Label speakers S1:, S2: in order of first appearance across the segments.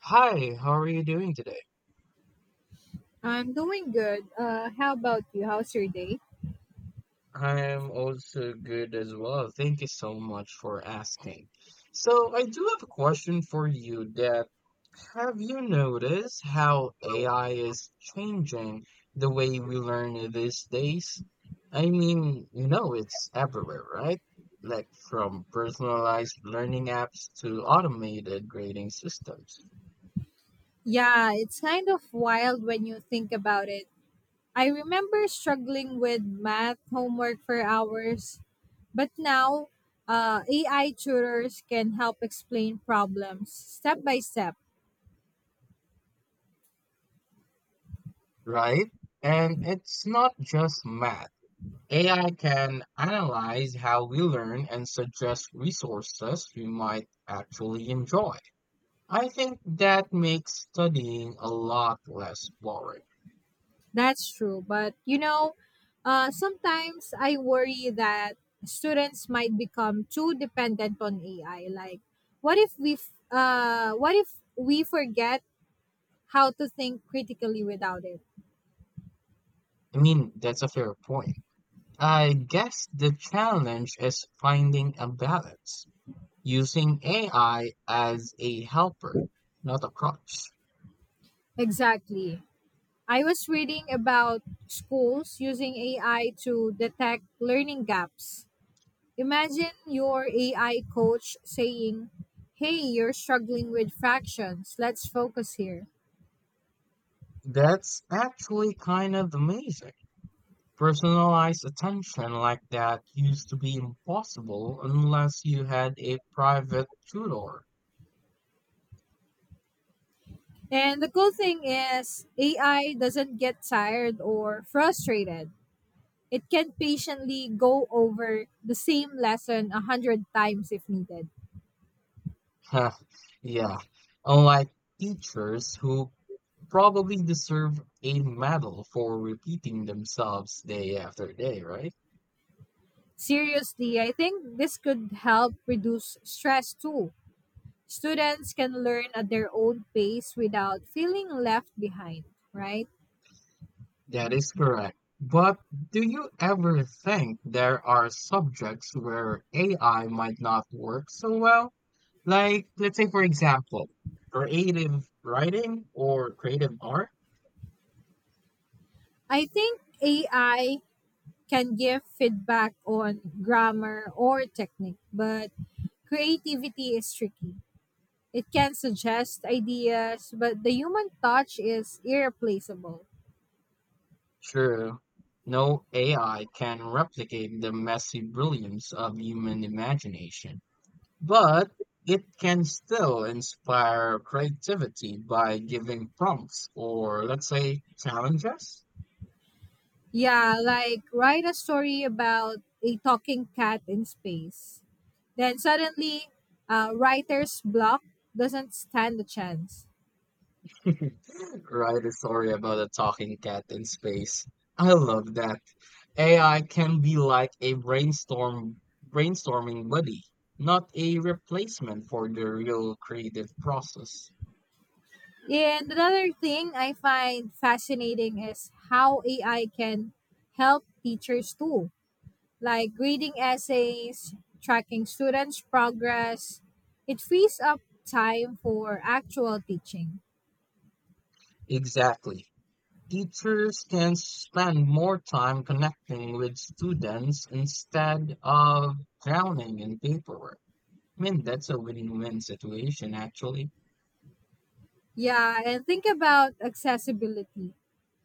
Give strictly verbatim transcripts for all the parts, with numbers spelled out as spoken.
S1: Hi, how are you doing today?
S2: I'm doing good. Uh, how about you? How's your day?
S1: I'm also good as well. Thank you so much for asking. So, I do have a question for you that have you noticed how A I is changing the way we learn these days? I mean, you know, it's everywhere, right? Like from personalized learning apps to automated grading systems,
S2: Yeah, it's kind of wild when you think about it. I remember struggling with math homework for hours, but now uh, A I tutors can help explain problems step by step.
S1: right? And it's not just math. A I can analyze how we learn and suggest resources we might actually enjoy. I think that makes studying a lot less boring.
S2: That's true. But you know, uh, sometimes I worry that students might become too dependent on A I. Like, what if we, f- uh, what if we forget how to think critically without it.
S1: I mean, that's a fair point. I guess the challenge is finding a balance, using A I as a helper, not a crutch.
S2: Exactly. I was reading about schools using A I to detect learning gaps. Imagine your A I coach saying, "Hey, you're struggling with fractions. Let's focus here."
S1: That's actually kind of amazing. Personalized attention like that used to be impossible unless you had a private tutor.
S2: And the cool thing is, A I doesn't get tired or frustrated. It can patiently go over the same lesson a hundred times if needed.
S1: Yeah, unlike teachers who probably deserve a medal for repeating themselves day after day, right?
S2: Seriously, I think this could help reduce stress too. Students can learn at their own pace without feeling left behind, right?
S1: That is correct. But do you ever think there are subjects where A I might not work so well? Like, let's say, for example, creative writing or creative art?
S2: I think A I can give feedback on grammar or technique, but creativity is tricky. It can suggest ideas, but the human touch is irreplaceable.
S1: True, no A I can replicate the messy brilliance of human imagination, but it can still inspire creativity by giving prompts or, let's say, challenges.
S2: Yeah, like write a story about a talking cat in space. Then suddenly, uh, writer's block doesn't stand a chance.
S1: Write a story about a talking cat in space. I love that. A I can be like a brainstorm brainstorming buddy, not a replacement for the real creative process.
S2: And another thing I find fascinating is how A I can help teachers too, like grading essays, tracking students' progress. It frees up time for actual teaching.
S1: Exactly. Teachers can spend more time connecting with students instead of drowning in paperwork. I mean, that's a win-win situation, actually.
S2: Yeah, and think about accessibility.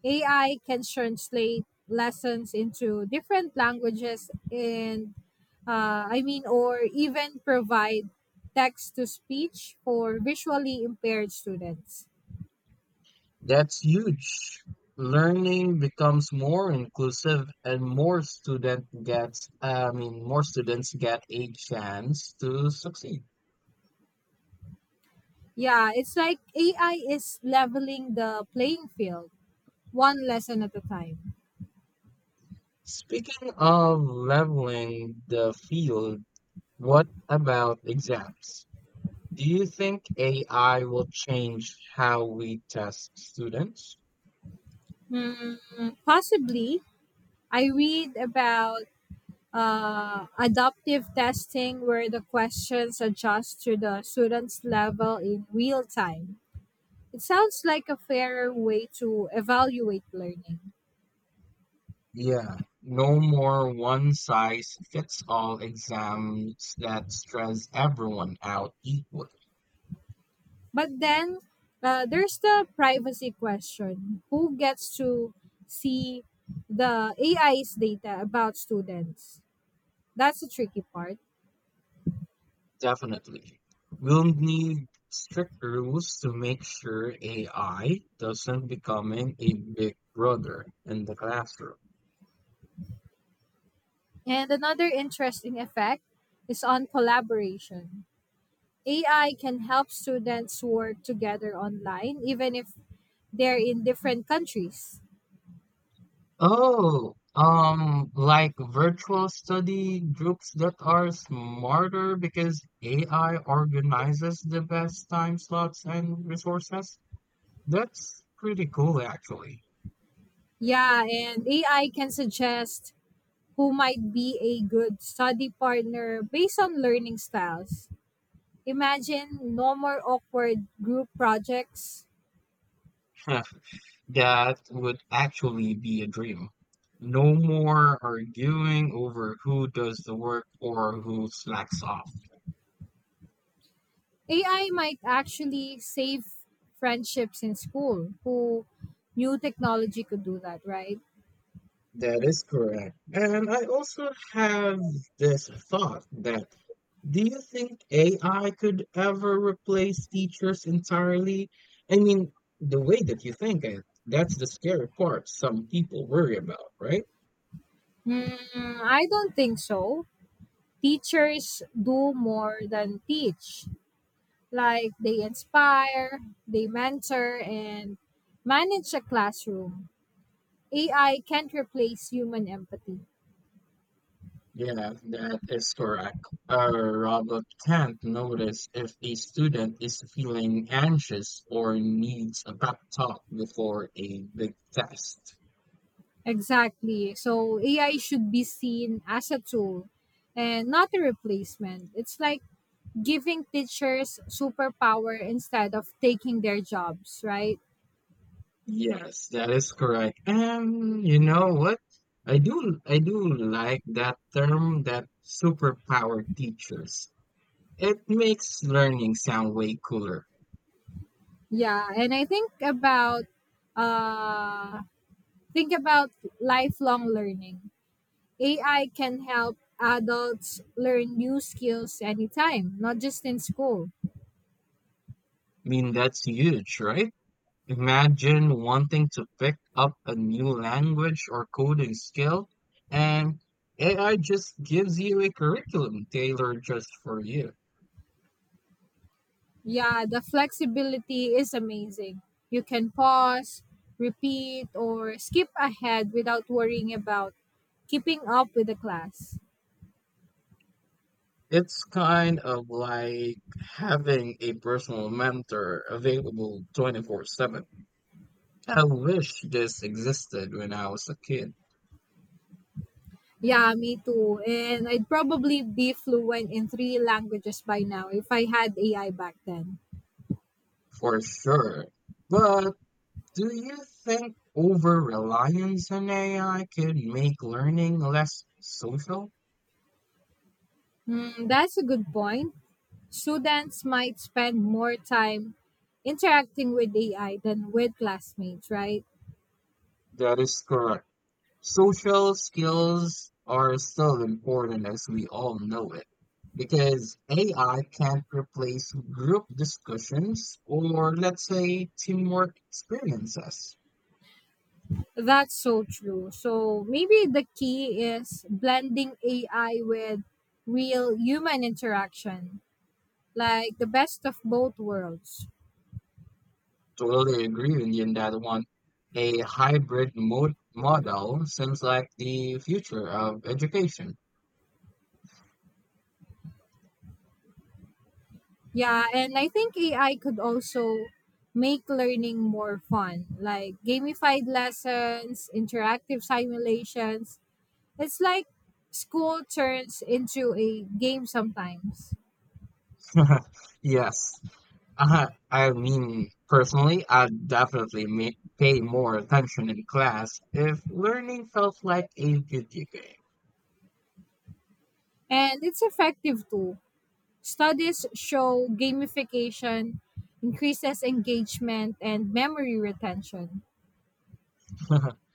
S2: A I can translate lessons into different languages and uh, I mean, or even provide text to speech for visually impaired students.
S1: That's huge. Learning becomes more inclusive and more student gets, I mean, more students get a chance to succeed.
S2: Yeah, it's like A I is leveling the playing field one lesson at a time.
S1: Speaking of leveling the field, what about exams? Do you think A I will change how we test students?
S2: Hmm, possibly, I read about uh, adaptive testing where the questions adjust to the student's level in real time. It sounds like a fairer way to evaluate learning.
S1: Yeah, no more one size fits all exams that stress everyone out equally.
S2: But then uh, there's the privacy question: who gets to see the A I's data about students? That's the tricky part.
S1: Definitely. We'll need strict rules to make sure A I doesn't becoming a big brother in the classroom.
S2: And another interesting effect is on collaboration. A I can help students work together online even if they're in different countries.
S1: Oh, um, like virtual study groups that are smarter because A I organizes the best time slots and resources. That's pretty cool, actually.
S2: Yeah, and A I can suggest who might be a good study partner based on learning styles. Imagine no more awkward group projects.
S1: Huh, that would actually be a dream. No more arguing over who does the work or who slacks off.
S2: A I might actually save friendships in school. Who new technology could do that, right?
S1: That is correct. And I also have this thought that do you think A I could ever replace teachers entirely? I mean, the way that you think it, that's the scary part some people worry about, right?
S2: Hmm, I don't think so. Teachers do more than teach. Like they inspire, they mentor, and manage a classroom. A I can't replace human empathy.
S1: Yeah, that is correct. A robot can't notice if a student is feeling anxious or needs a pep talk before a big test.
S2: Exactly. So A I should be seen as a tool and not a replacement. It's like giving teachers superpower instead of taking their jobs, right?
S1: Yes, that is correct. And you know what? I do I do like that term that superpower teachers. It makes learning sound way cooler.
S2: Yeah, and I think about uh think about lifelong learning. A I can help adults learn new skills anytime, not just in school.
S1: I mean, that's huge, right? Imagine wanting to pick up a new language or coding skill, and A I just gives you a curriculum tailored just for you.
S2: Yeah, the flexibility is amazing. You can pause, repeat, or skip ahead without worrying about keeping up with the class.
S1: It's kind of like having a personal mentor available twenty-four seven. I wish this existed when I was a kid,
S2: Yeah, me too. And I'd probably be fluent in three languages by now if I had A I back then.
S1: for sure. But do you think over reliance on A I could make learning less social?
S2: Hmm, that's a good point. Students might spend more time interacting with A I than with classmates, right?
S1: That is correct. Social skills are still important as we all know it, because A I can't replace group discussions or, let's say, teamwork experiences.
S2: That's so true. So maybe the key is blending A I with real human interaction, like the best of both worlds.
S1: Totally agree with you on that one. A hybrid mod- model seems like the future of education.
S2: Yeah, and I think A I could also make learning more fun, like gamified lessons, interactive simulations. It's like school turns into a game sometimes.
S1: Yes. Uh, I mean, personally, I'd definitely ma- pay more attention in class if learning felt like a video game.
S2: And it's effective too. Studies show gamification increases engagement and memory retention.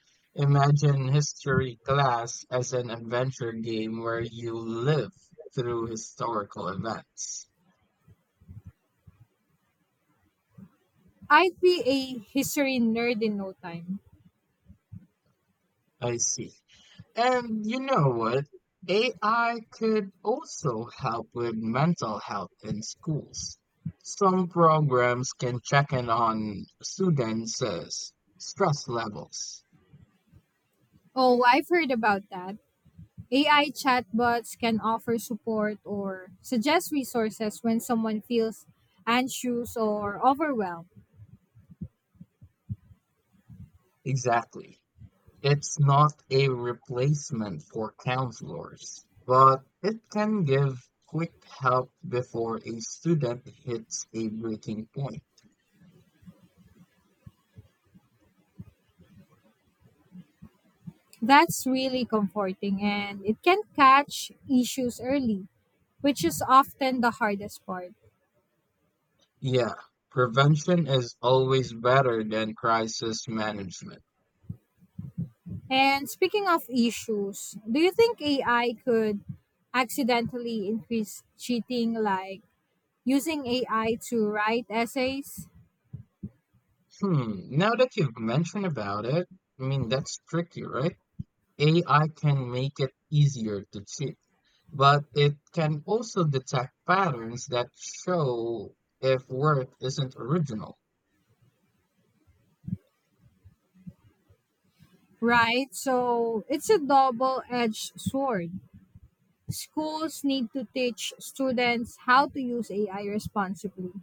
S1: Imagine history class as an adventure game where you live through historical events.
S2: I'd be a history nerd in no time.
S1: I see. And you know what? A I could also help with mental health in schools. Some programs can check in on students' uh, s- stress levels.
S2: Oh, I've heard about that. A I chatbots can offer support or suggest resources when someone feels anxious or overwhelmed.
S1: Exactly. It's not a replacement for counselors, but it can give quick help before a student hits a breaking point.
S2: That's really comforting, and it can catch issues early, which is often the hardest part.
S1: Yeah, prevention is always better than crisis management.
S2: And speaking of issues, do you think A I could accidentally increase cheating, like using A I to write essays?
S1: Hmm, now that you've mentioned about it, I mean, that's tricky, right? A I can make it easier to cheat, but it can also detect patterns that show if work isn't original.
S2: Right? So it's a double edged sword. Schools need to teach students how to use A I responsibly.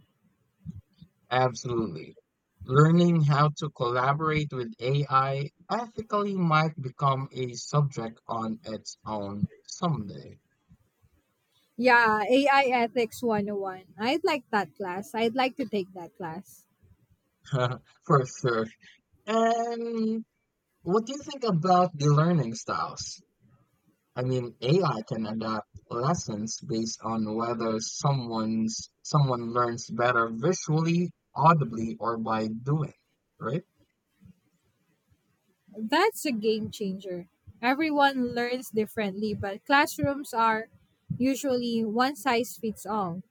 S1: Absolutely. Learning how to collaborate with A I ethically might become a subject on its own someday.
S2: Yeah, A I Ethics one zero one. I'd like that class. I'd like to take that class.
S1: For sure. And what do you think about the learning styles? I mean, A I can adapt lessons based on whether someone's someone learns better visually, audibly, or by doing, right?
S2: That's a game changer. Everyone learns differently, but classrooms are usually one size fits all.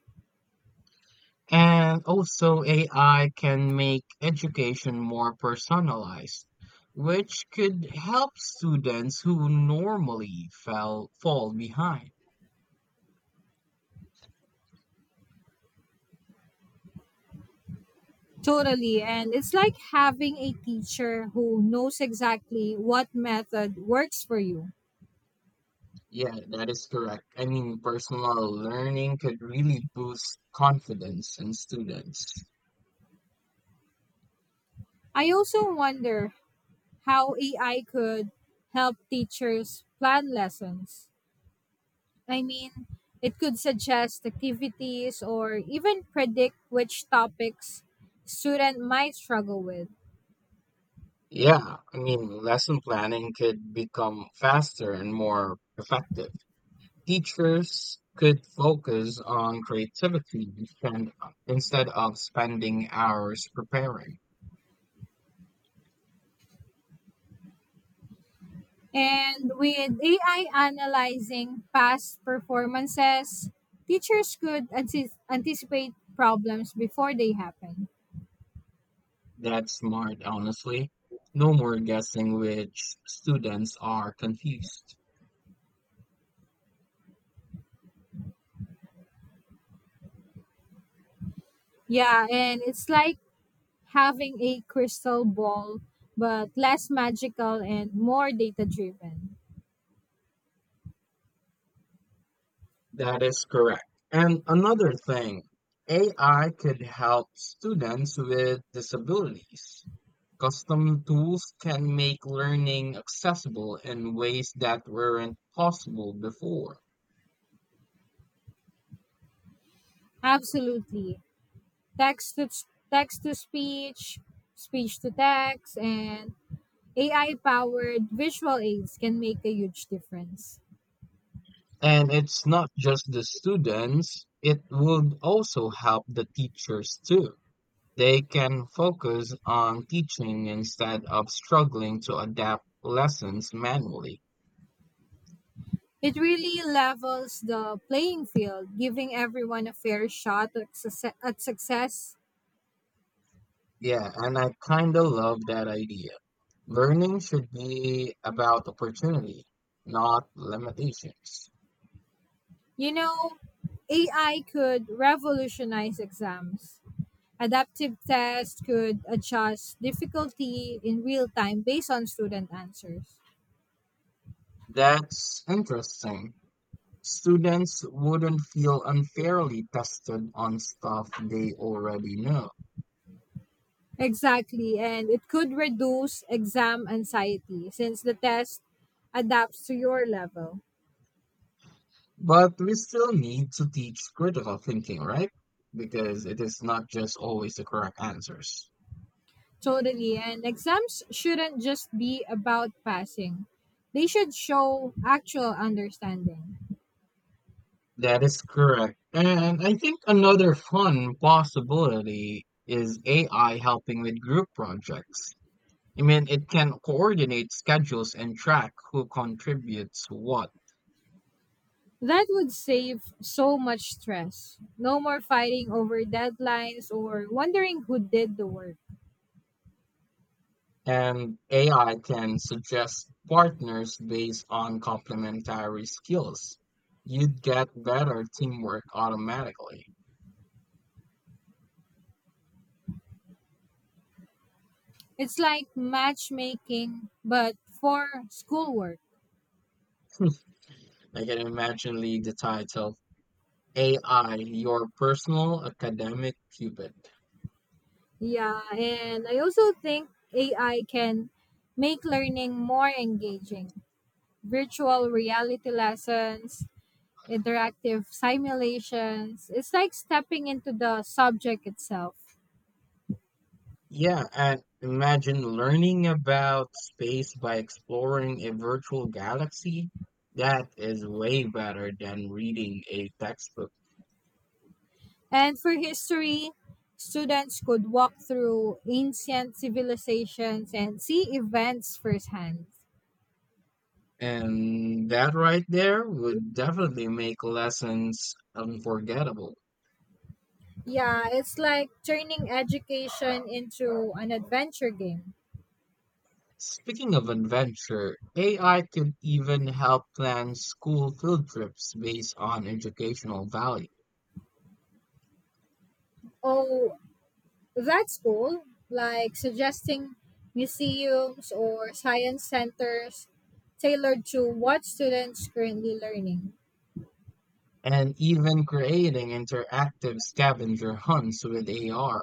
S1: And also A I can make education more personalized, which could help students who normally fell fall behind.
S2: Totally. And it's like having a teacher who knows exactly what method works for you.
S1: Yeah, that is correct. I mean, personal learning could really boost confidence in students.
S2: I also wonder how A I could help teachers plan lessons. I mean, it could suggest activities or even predict which topics student might struggle with.
S1: Yeah, I mean, lesson planning could become faster and more effective. Teachers could focus on creativity instead instead of spending hours preparing.
S2: And with A I analyzing past performances, teachers could anti- anticipate problems before they happen.
S1: That's smart, honestly. No more guessing which students are confused.
S2: Yeah, and it's like having a crystal ball, but less magical and more data driven.
S1: That is correct. And another thing, A I could help students with disabilities. Custom tools can make learning accessible in ways that weren't possible before.
S2: Absolutely. text to text to speech, speech to text, and A I powered visual aids can make a huge difference.
S1: And it's not just the students, it would also help the teachers too. They can focus on teaching instead of struggling to adapt lessons manually.
S2: It really levels the playing field, giving everyone a fair shot at, succe- at success.
S1: Yeah, and I kind of love that idea. Learning should be about opportunity, not limitations.
S2: You know, A I could revolutionize exams. Adaptive tests could adjust difficulty in real time based on student answers.
S1: That's interesting. Students wouldn't feel unfairly tested on stuff they already know.
S2: Exactly, and it could reduce exam anxiety since the test adapts to your level.
S1: But we still need to teach critical thinking, right? Because it is not just always the correct answers.
S2: Totally, and exams shouldn't just be about passing, they should show actual understanding.
S1: That is correct. And I think another fun possibility is A I helping with group projects. I mean, it can coordinate schedules and track who contributes what.
S2: That would save so much stress. No more fighting over deadlines or wondering who did the work.
S1: And A I can suggest partners based on complementary skills. You'd get better teamwork automatically.
S2: It's like matchmaking, but for schoolwork.
S1: I can imagine lead the title A I, your personal academic cupid.
S2: Yeah, and I also think A I can make learning more engaging. Virtual reality lessons, interactive simulations. It's like stepping into the subject itself.
S1: Yeah, and imagine learning about space by exploring a virtual galaxy. That is way better than reading a textbook.
S2: And for history, students could walk through ancient civilizations and see events firsthand.
S1: And that right there would definitely make lessons unforgettable.
S2: Yeah, it's like turning education into an adventure game.
S1: Speaking of adventure, A I could even help plan school field trips based on educational value,
S2: Oh, that's cool, like suggesting museums or science centers tailored to what students currently learning.
S1: and even creating interactive scavenger hunts with A R.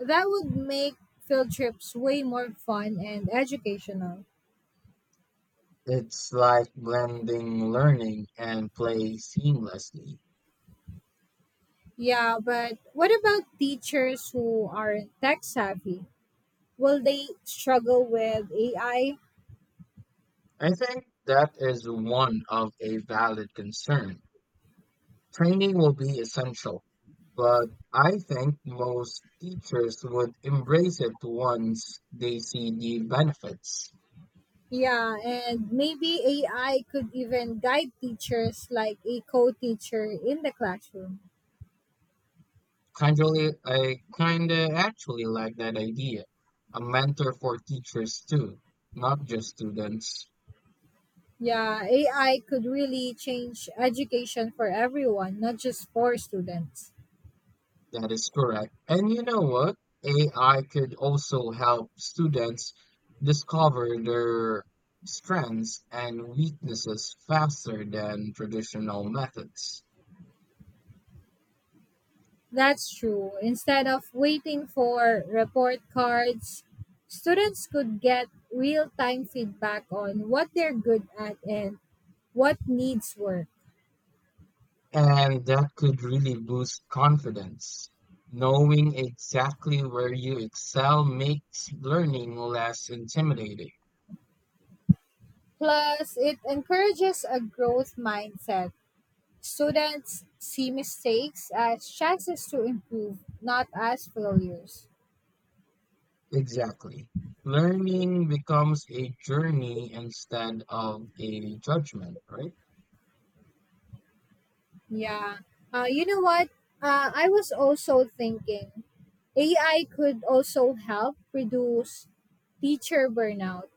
S2: That would make field trips way more fun and educational.
S1: It's like blending learning and play seamlessly.
S2: Yeah, but what about teachers who aren't tech savvy? Will they struggle with A I?
S1: I think that is one of a valid concern. Training will be essential, but I think most teachers would embrace it once they see the benefits.
S2: Yeah, and maybe A I could even guide teachers like a co teacher in the classroom.
S1: Kindly, I kinda actually like that idea. A mentor for teachers too, not just students.
S2: Yeah, A I could really change education for everyone, not just for students.
S1: That is correct. And you know what? A I could also help students discover their strengths and weaknesses faster than traditional methods.
S2: That's true. Instead of waiting for report cards, students could get real time feedback on what they're good at and what needs work.
S1: And that could really boost confidence. Knowing exactly where you excel makes learning less intimidating.
S2: Plus, it encourages a growth mindset. Students see mistakes as chances to improve, not as failures.
S1: Exactly. Learning becomes a journey instead of a judgment, right?
S2: Yeah. Uh, you know what? Uh, I was also thinking A I could also help reduce teacher burnout.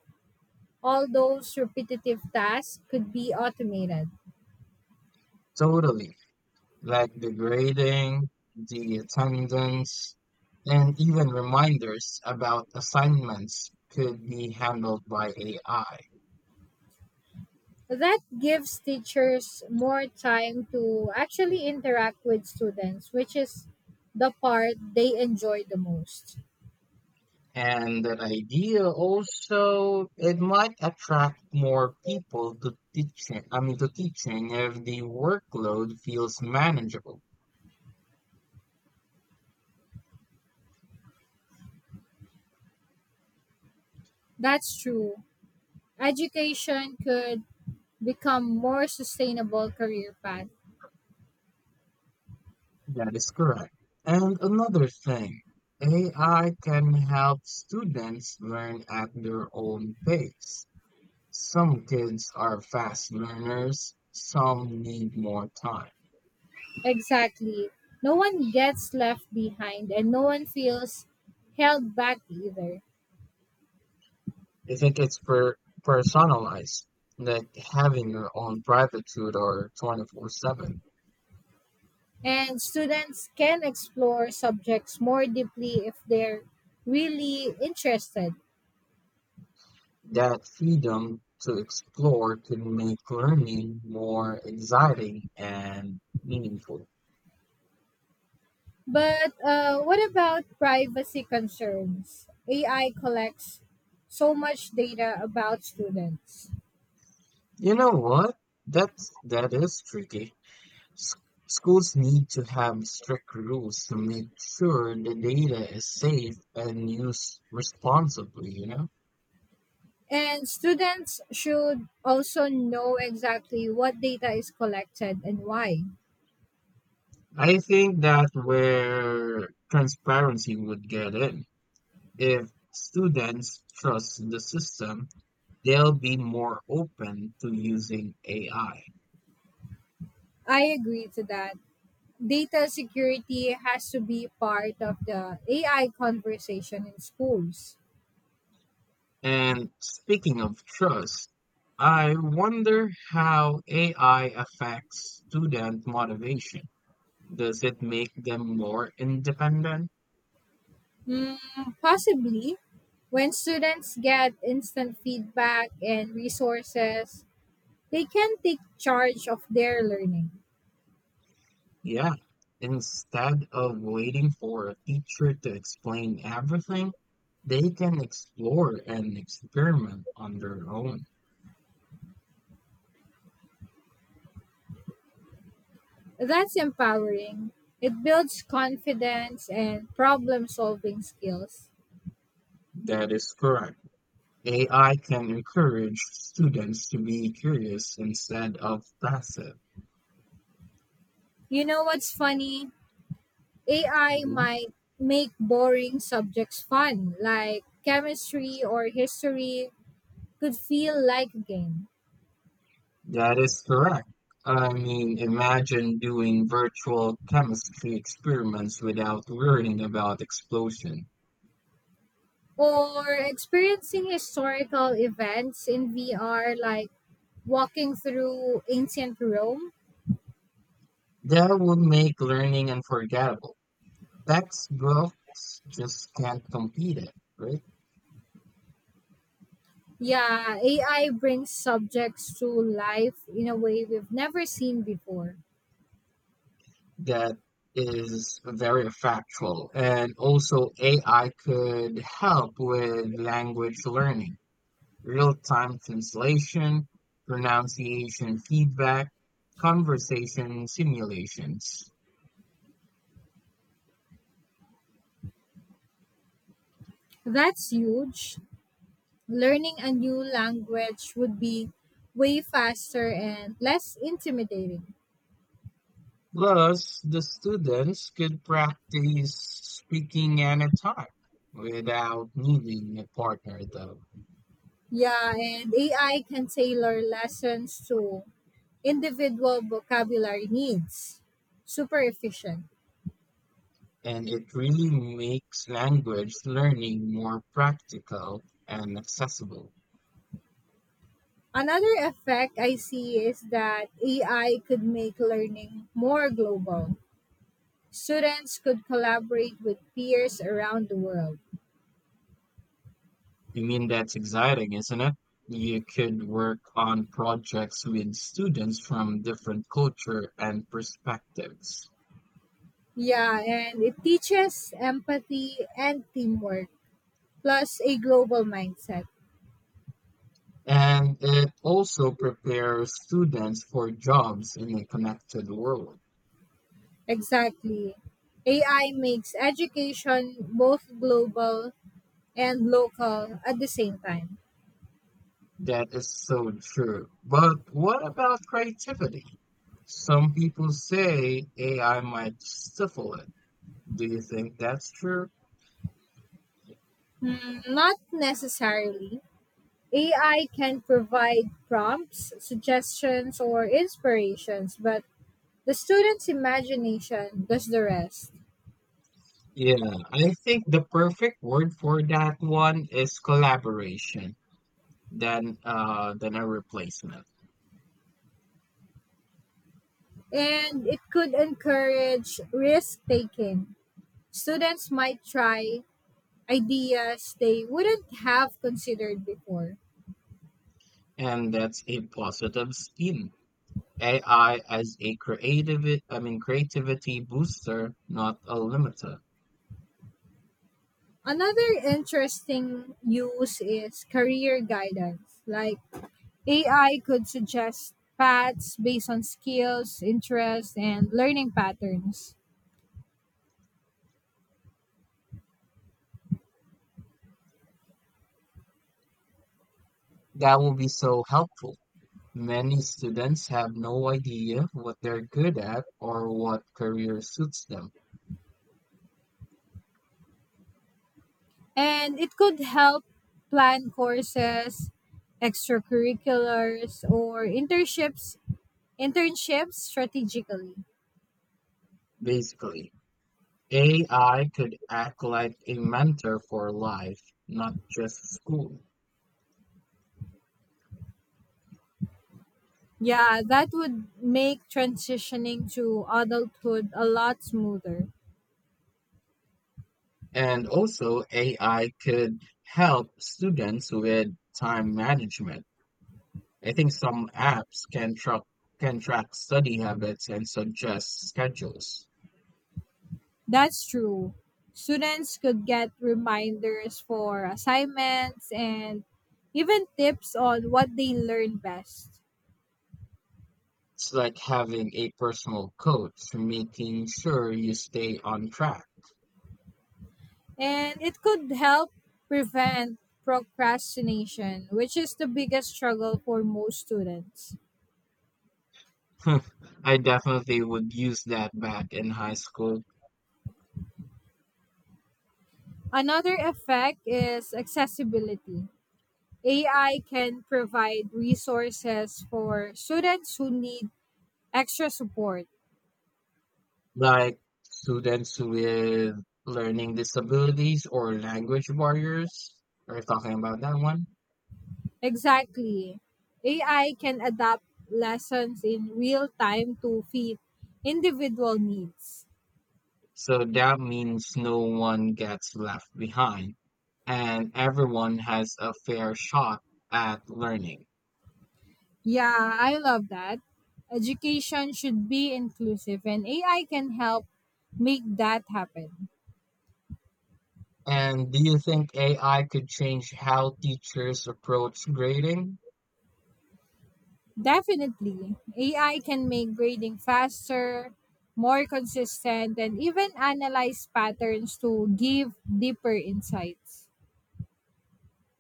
S2: All those repetitive tasks could be automated.
S1: Totally. Like the grading, the attendance, and even reminders about assignments could be handled by A I.
S2: That gives teachers more time to actually interact with students, which is the part they enjoy the most.
S1: And that idea also, it might attract more people to teaching. I mean, to teaching if the workload feels manageable.
S2: That's true. Education could become more sustainable career path.
S1: That is correct. And another thing, A I can help students learn at their own pace. Some kids are fast learners, some need more time.
S2: Exactly. No one gets left behind and no one feels held back either.
S1: I think it's per personalized, like having your own private tutor twenty-four seven.
S2: And students can explore subjects more deeply if they're really interested.
S1: That freedom to explore can make learning more exciting and meaningful.
S2: But uh, what about privacy concerns? A I collects so much data about students.
S1: You know what? That's that is tricky. S- Schools need to have strict rules to make sure the data is safe and used responsibly, you know?
S2: And students should also know exactly what data is collected and why.
S1: I think that where transparency would get in. If students trust the system, they'll be more open to using A I.
S2: I agree to that. Data security has to be part of the A I conversation in schools.
S1: And speaking of trust, I wonder how A I affects student motivation. Does it make them more independent?
S2: Mm, possibly, when students get instant feedback and resources, they can take charge of their learning.
S1: Yeah. Instead of waiting for a teacher to explain everything, they can explore and experiment on their own.
S2: That's empowering. It builds confidence and problem solving skills.
S1: That is correct. A I can encourage students to be curious instead of passive.
S2: You know what's funny? A I might make boring subjects fun, like chemistry or history, could feel like a game.
S1: That is correct. I mean, imagine doing virtual chemistry experiments without worrying about explosion.
S2: Or experiencing historical events in V R, like walking through ancient Rome.
S1: That would make learning unforgettable. Textbooks just can't compete it, right?
S2: Yeah, A I brings subjects to life in a way we've never seen before.
S1: That is very factual. And also A I could help with language learning, real-time translation, pronunciation feedback, conversation simulations.
S2: That's huge. Learning a new language would be way faster and less intimidating.
S1: Plus, the students could practice speaking anytime without needing a partner, though.
S2: Yeah, and A I can tailor lessons to individual vocabulary needs. Super efficient.
S1: And it really makes language learning more practical and accessible.
S2: Another effect I see is that A I could make learning more global. Students could collaborate with peers around the world.
S1: I mean, that's exciting, isn't it? You could work on projects with students from different culture and perspectives.
S2: Yeah, and it teaches empathy and teamwork, plus a global mindset.
S1: And it also prepares students for jobs in a connected world.
S2: Exactly. A I makes education both global and local at the same time.
S1: That is so true. But what about creativity? Some people say A I might stifle it. Do you think that's true?
S2: Hmm, not necessarily. A I can provide prompts, suggestions, or inspirations, but the student's imagination does the rest.
S1: Yeah, I think the perfect word for that one is collaboration than uh than a replacement.
S2: And it could encourage risk taking. Students might try ideas they wouldn't have considered before.
S1: And that's a positive spin. A I as a creative I mean creativity booster, not a limiter.
S2: Another interesting use is career guidance. Like A I could suggest paths based on skills, interests, and learning patterns.
S1: That will be so helpful. Many students have no idea what they're good at or what career suits them.
S2: And it could help plan courses, extracurriculars, or internships internships strategically.
S1: Basically, A I could act like a mentor for life, not just school.
S2: Yeah, that would make transitioning to adulthood a lot smoother.
S1: And also, A I could help students with time management. I think some apps can track can track study habits and suggest schedules.
S2: That's true. Students could get reminders for assignments and even tips on what they learn best.
S1: It's like having a personal coach, making sure you stay on track.
S2: And it could help prevent procrastination, which is the biggest struggle for most students.
S1: I definitely would use that back in high school.
S2: Another effect is accessibility. A I can provide resources for students who need extra support.
S1: Like students with learning disabilities or language barriers are talking about that one.
S2: Exactly. A I can adapt lessons in real time to fit individual needs.
S1: So that means no one gets left behind and everyone has a fair shot at learning.
S2: Yeah, I love that. Education should be inclusive, and A I can help make that happen.
S1: And do you think A I could change how teachers approach grading?
S2: Definitely, A I can make grading faster, more consistent, and even analyze patterns to give deeper insights.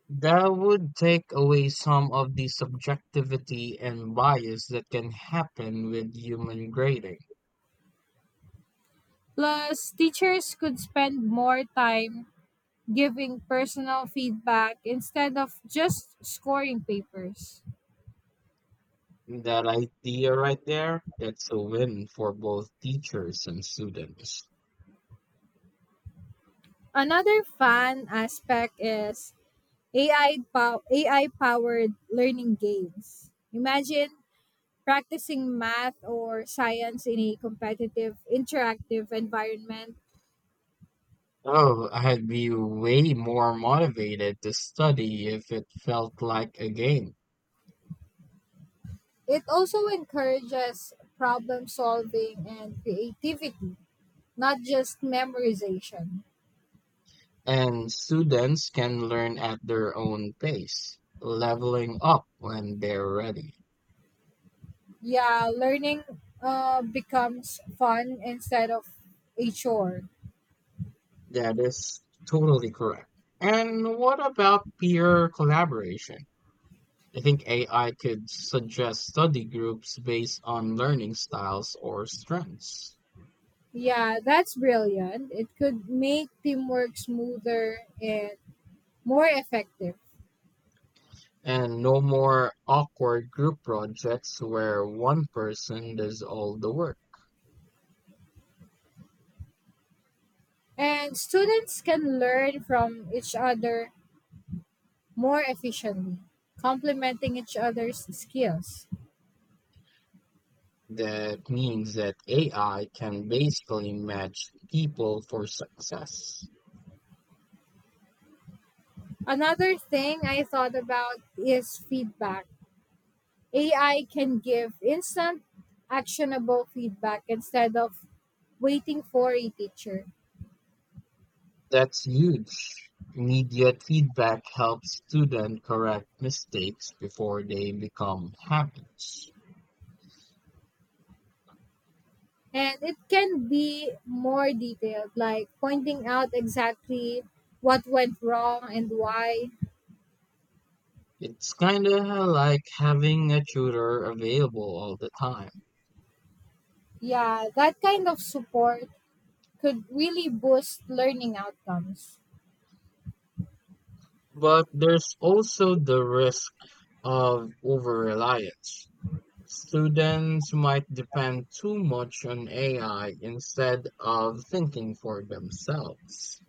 S1: That would take away some of the subjectivity and bias that can happen with human grading.
S2: Plus, teachers could spend more time giving personal feedback instead of just scoring papers.
S1: That idea right there, that's a win for both teachers and students.
S2: Another fun aspect is A I pow- A I powered learning games. Imagine practicing math or science in a competitive interactive environment.
S1: Oh, I'd be way more motivated to study if it felt like a game.
S2: It also encourages problem solving and creativity, not just memorization.
S1: And students can learn at their own pace, leveling up when they're ready.
S2: Yeah, learning uh, becomes fun instead of a chore.
S1: That is totally correct. And what about peer collaboration? I think A I could suggest study groups based on learning styles or strengths.
S2: Yeah, that's brilliant. It could make teamwork smoother and more effective.
S1: And no more awkward group projects where one person does all the work.
S2: And students can learn from each other more efficiently, complementing each other's skills.
S1: That means that A I can basically match people for success.
S2: Another thing I thought about is feedback. A I can give instant, actionable feedback instead of waiting for a teacher.
S1: That's huge. Immediate feedback helps students correct mistakes before they become habits.
S2: And it can be more detailed, like pointing out exactly what went wrong and why.
S1: It's kinda like having a tutor available all the time.
S2: Yeah, that kind of support could really boost learning outcomes.
S1: But there's also the risk of over reliance. Students might depend too much on A I instead of thinking for themselves.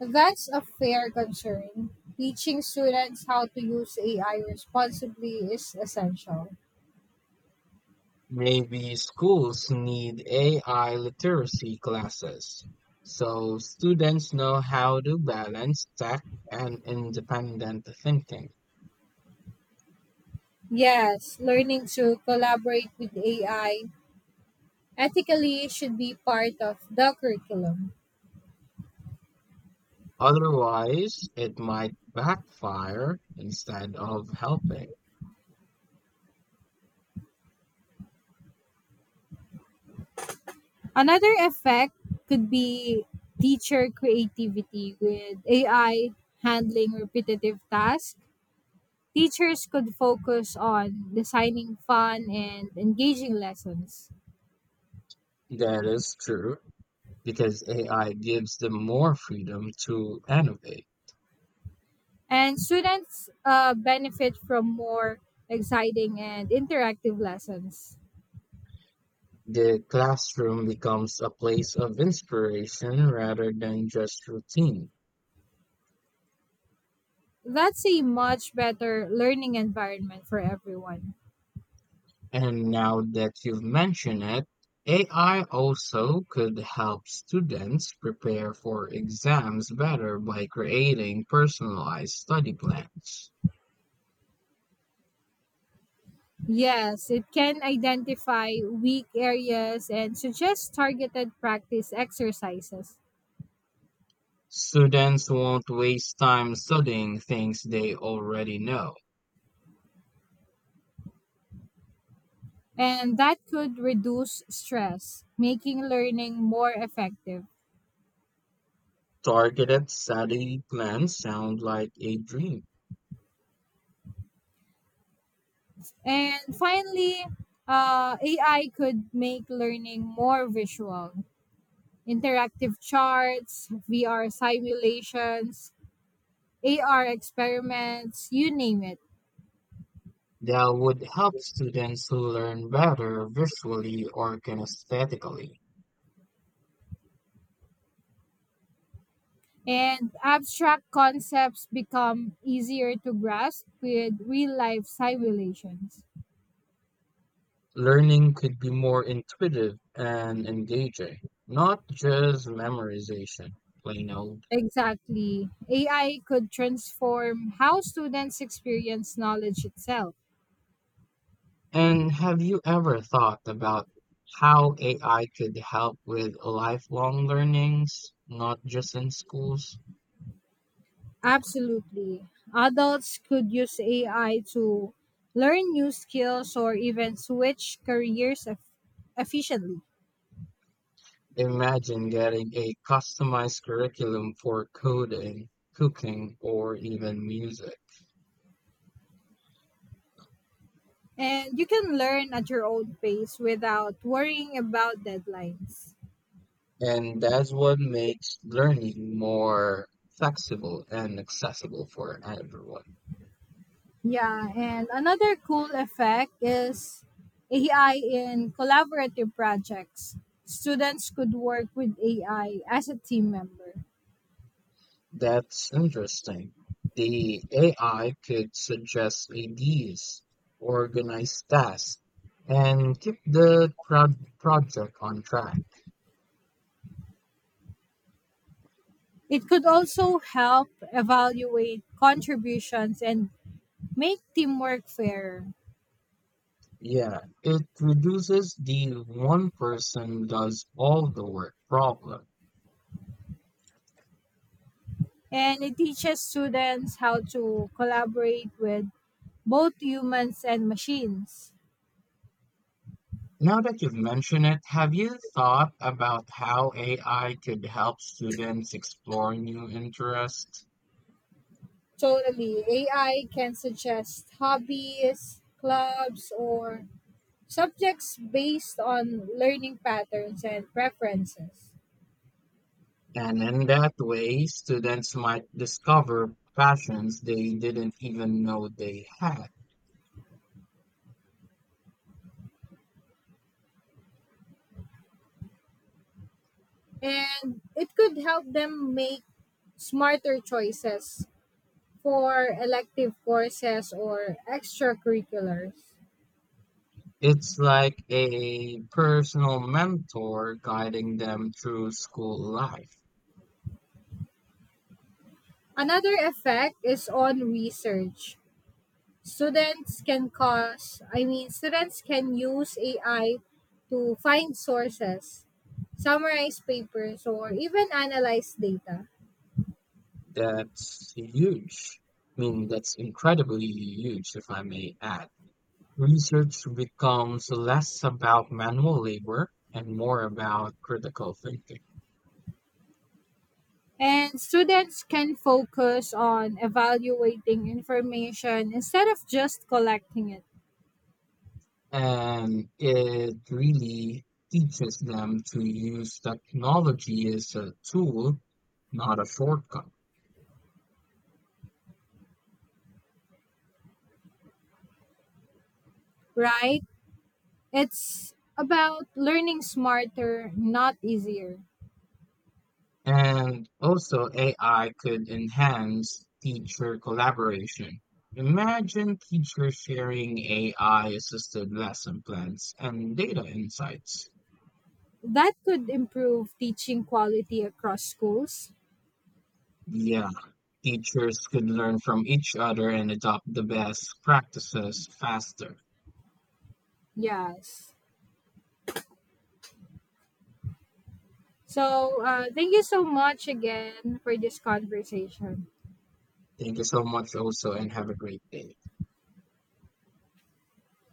S2: That's a fair concern. Teaching students how to use A I responsibly is essential.
S1: Maybe schools need A I literacy classes so students know how to balance tech and independent thinking.
S2: Yes, learning to collaborate with A I ethically should be part of the curriculum.
S1: Otherwise, it might backfire instead of helping.
S2: Another effect could be teacher creativity with A I handling repetitive tasks. Teachers could focus on designing fun and engaging lessons.
S1: That is true because A I gives them more freedom to innovate.
S2: And students uh, benefit from more exciting and interactive lessons.
S1: The classroom becomes a place of inspiration rather than just routine.
S2: That's a much better learning environment for everyone.
S1: And now that you've mentioned it, A I also could help students prepare for exams better by creating personalized study plans.
S2: Yes, it can identify weak areas and suggest targeted practice exercises.
S1: Students won't waste time studying things they already know.
S2: And that could reduce stress, making learning more effective.
S1: Targeted study plans sound like a dream.
S2: And finally, uh, A I could make learning more visual, interactive charts, V R simulations, A R experiments, you name it.
S1: That would help students learn better visually or kinesthetically.
S2: And abstract concepts become easier to grasp with real life simulations.
S1: Learning could be more intuitive and engaging, not just memorization, plain old.
S2: Exactly. A I could transform how students experience knowledge itself.
S1: And have you ever thought about how A I could help with lifelong learnings, not just in schools?
S2: Absolutely. Adults could use A I to learn new skills or even switch careers eff- efficiently.
S1: Imagine getting a customized curriculum for coding, cooking, or even music.
S2: And you can learn at your own pace without worrying about deadlines.
S1: And that's what makes learning more flexible and accessible for everyone.
S2: Yeah, and another cool effect is A I in collaborative projects. Students could work with A I as a team member.
S1: That's interesting. The A I could suggest ideas, organize tasks, and keep the pro- project on track.
S2: It could also help evaluate contributions and make teamwork fairer.
S1: Yeah, it reduces the one person does all the work problem.
S2: And it teaches students how to collaborate with both humans and machines.
S1: Now that you've mentioned it, have you thought about how A I could help students explore new interests?
S2: Totally. A I can suggest hobbies, clubs, or subjects based on learning patterns and preferences.
S1: And in that way, students might discover passions they didn't even know they had.
S2: And it could help them make smarter choices for elective courses or extracurriculars.
S1: It's like a personal mentor guiding them through school life.
S2: Another effect is on research. Students can cause, I mean, students can use A I to find sources, summarize papers, or even analyze data.
S1: That's huge. I mean, that's incredibly huge, if I may add. Research becomes less about manual labor and more about critical thinking.
S2: And students can focus on evaluating information instead of just collecting it,
S1: And it really teaches them to use technology as a tool, not a shortcut.
S2: right? It's about learning smarter, not easier.
S1: And also, A I could enhance teacher collaboration. Imagine teachers sharing A I assisted lesson plans and data insights.
S2: That could improve teaching quality across schools.
S1: Yeah, teachers could learn from each other and adopt the best practices faster.
S2: Yes. So, uh, thank you so much again for this conversation.
S1: Thank you so much, also, and have a great day.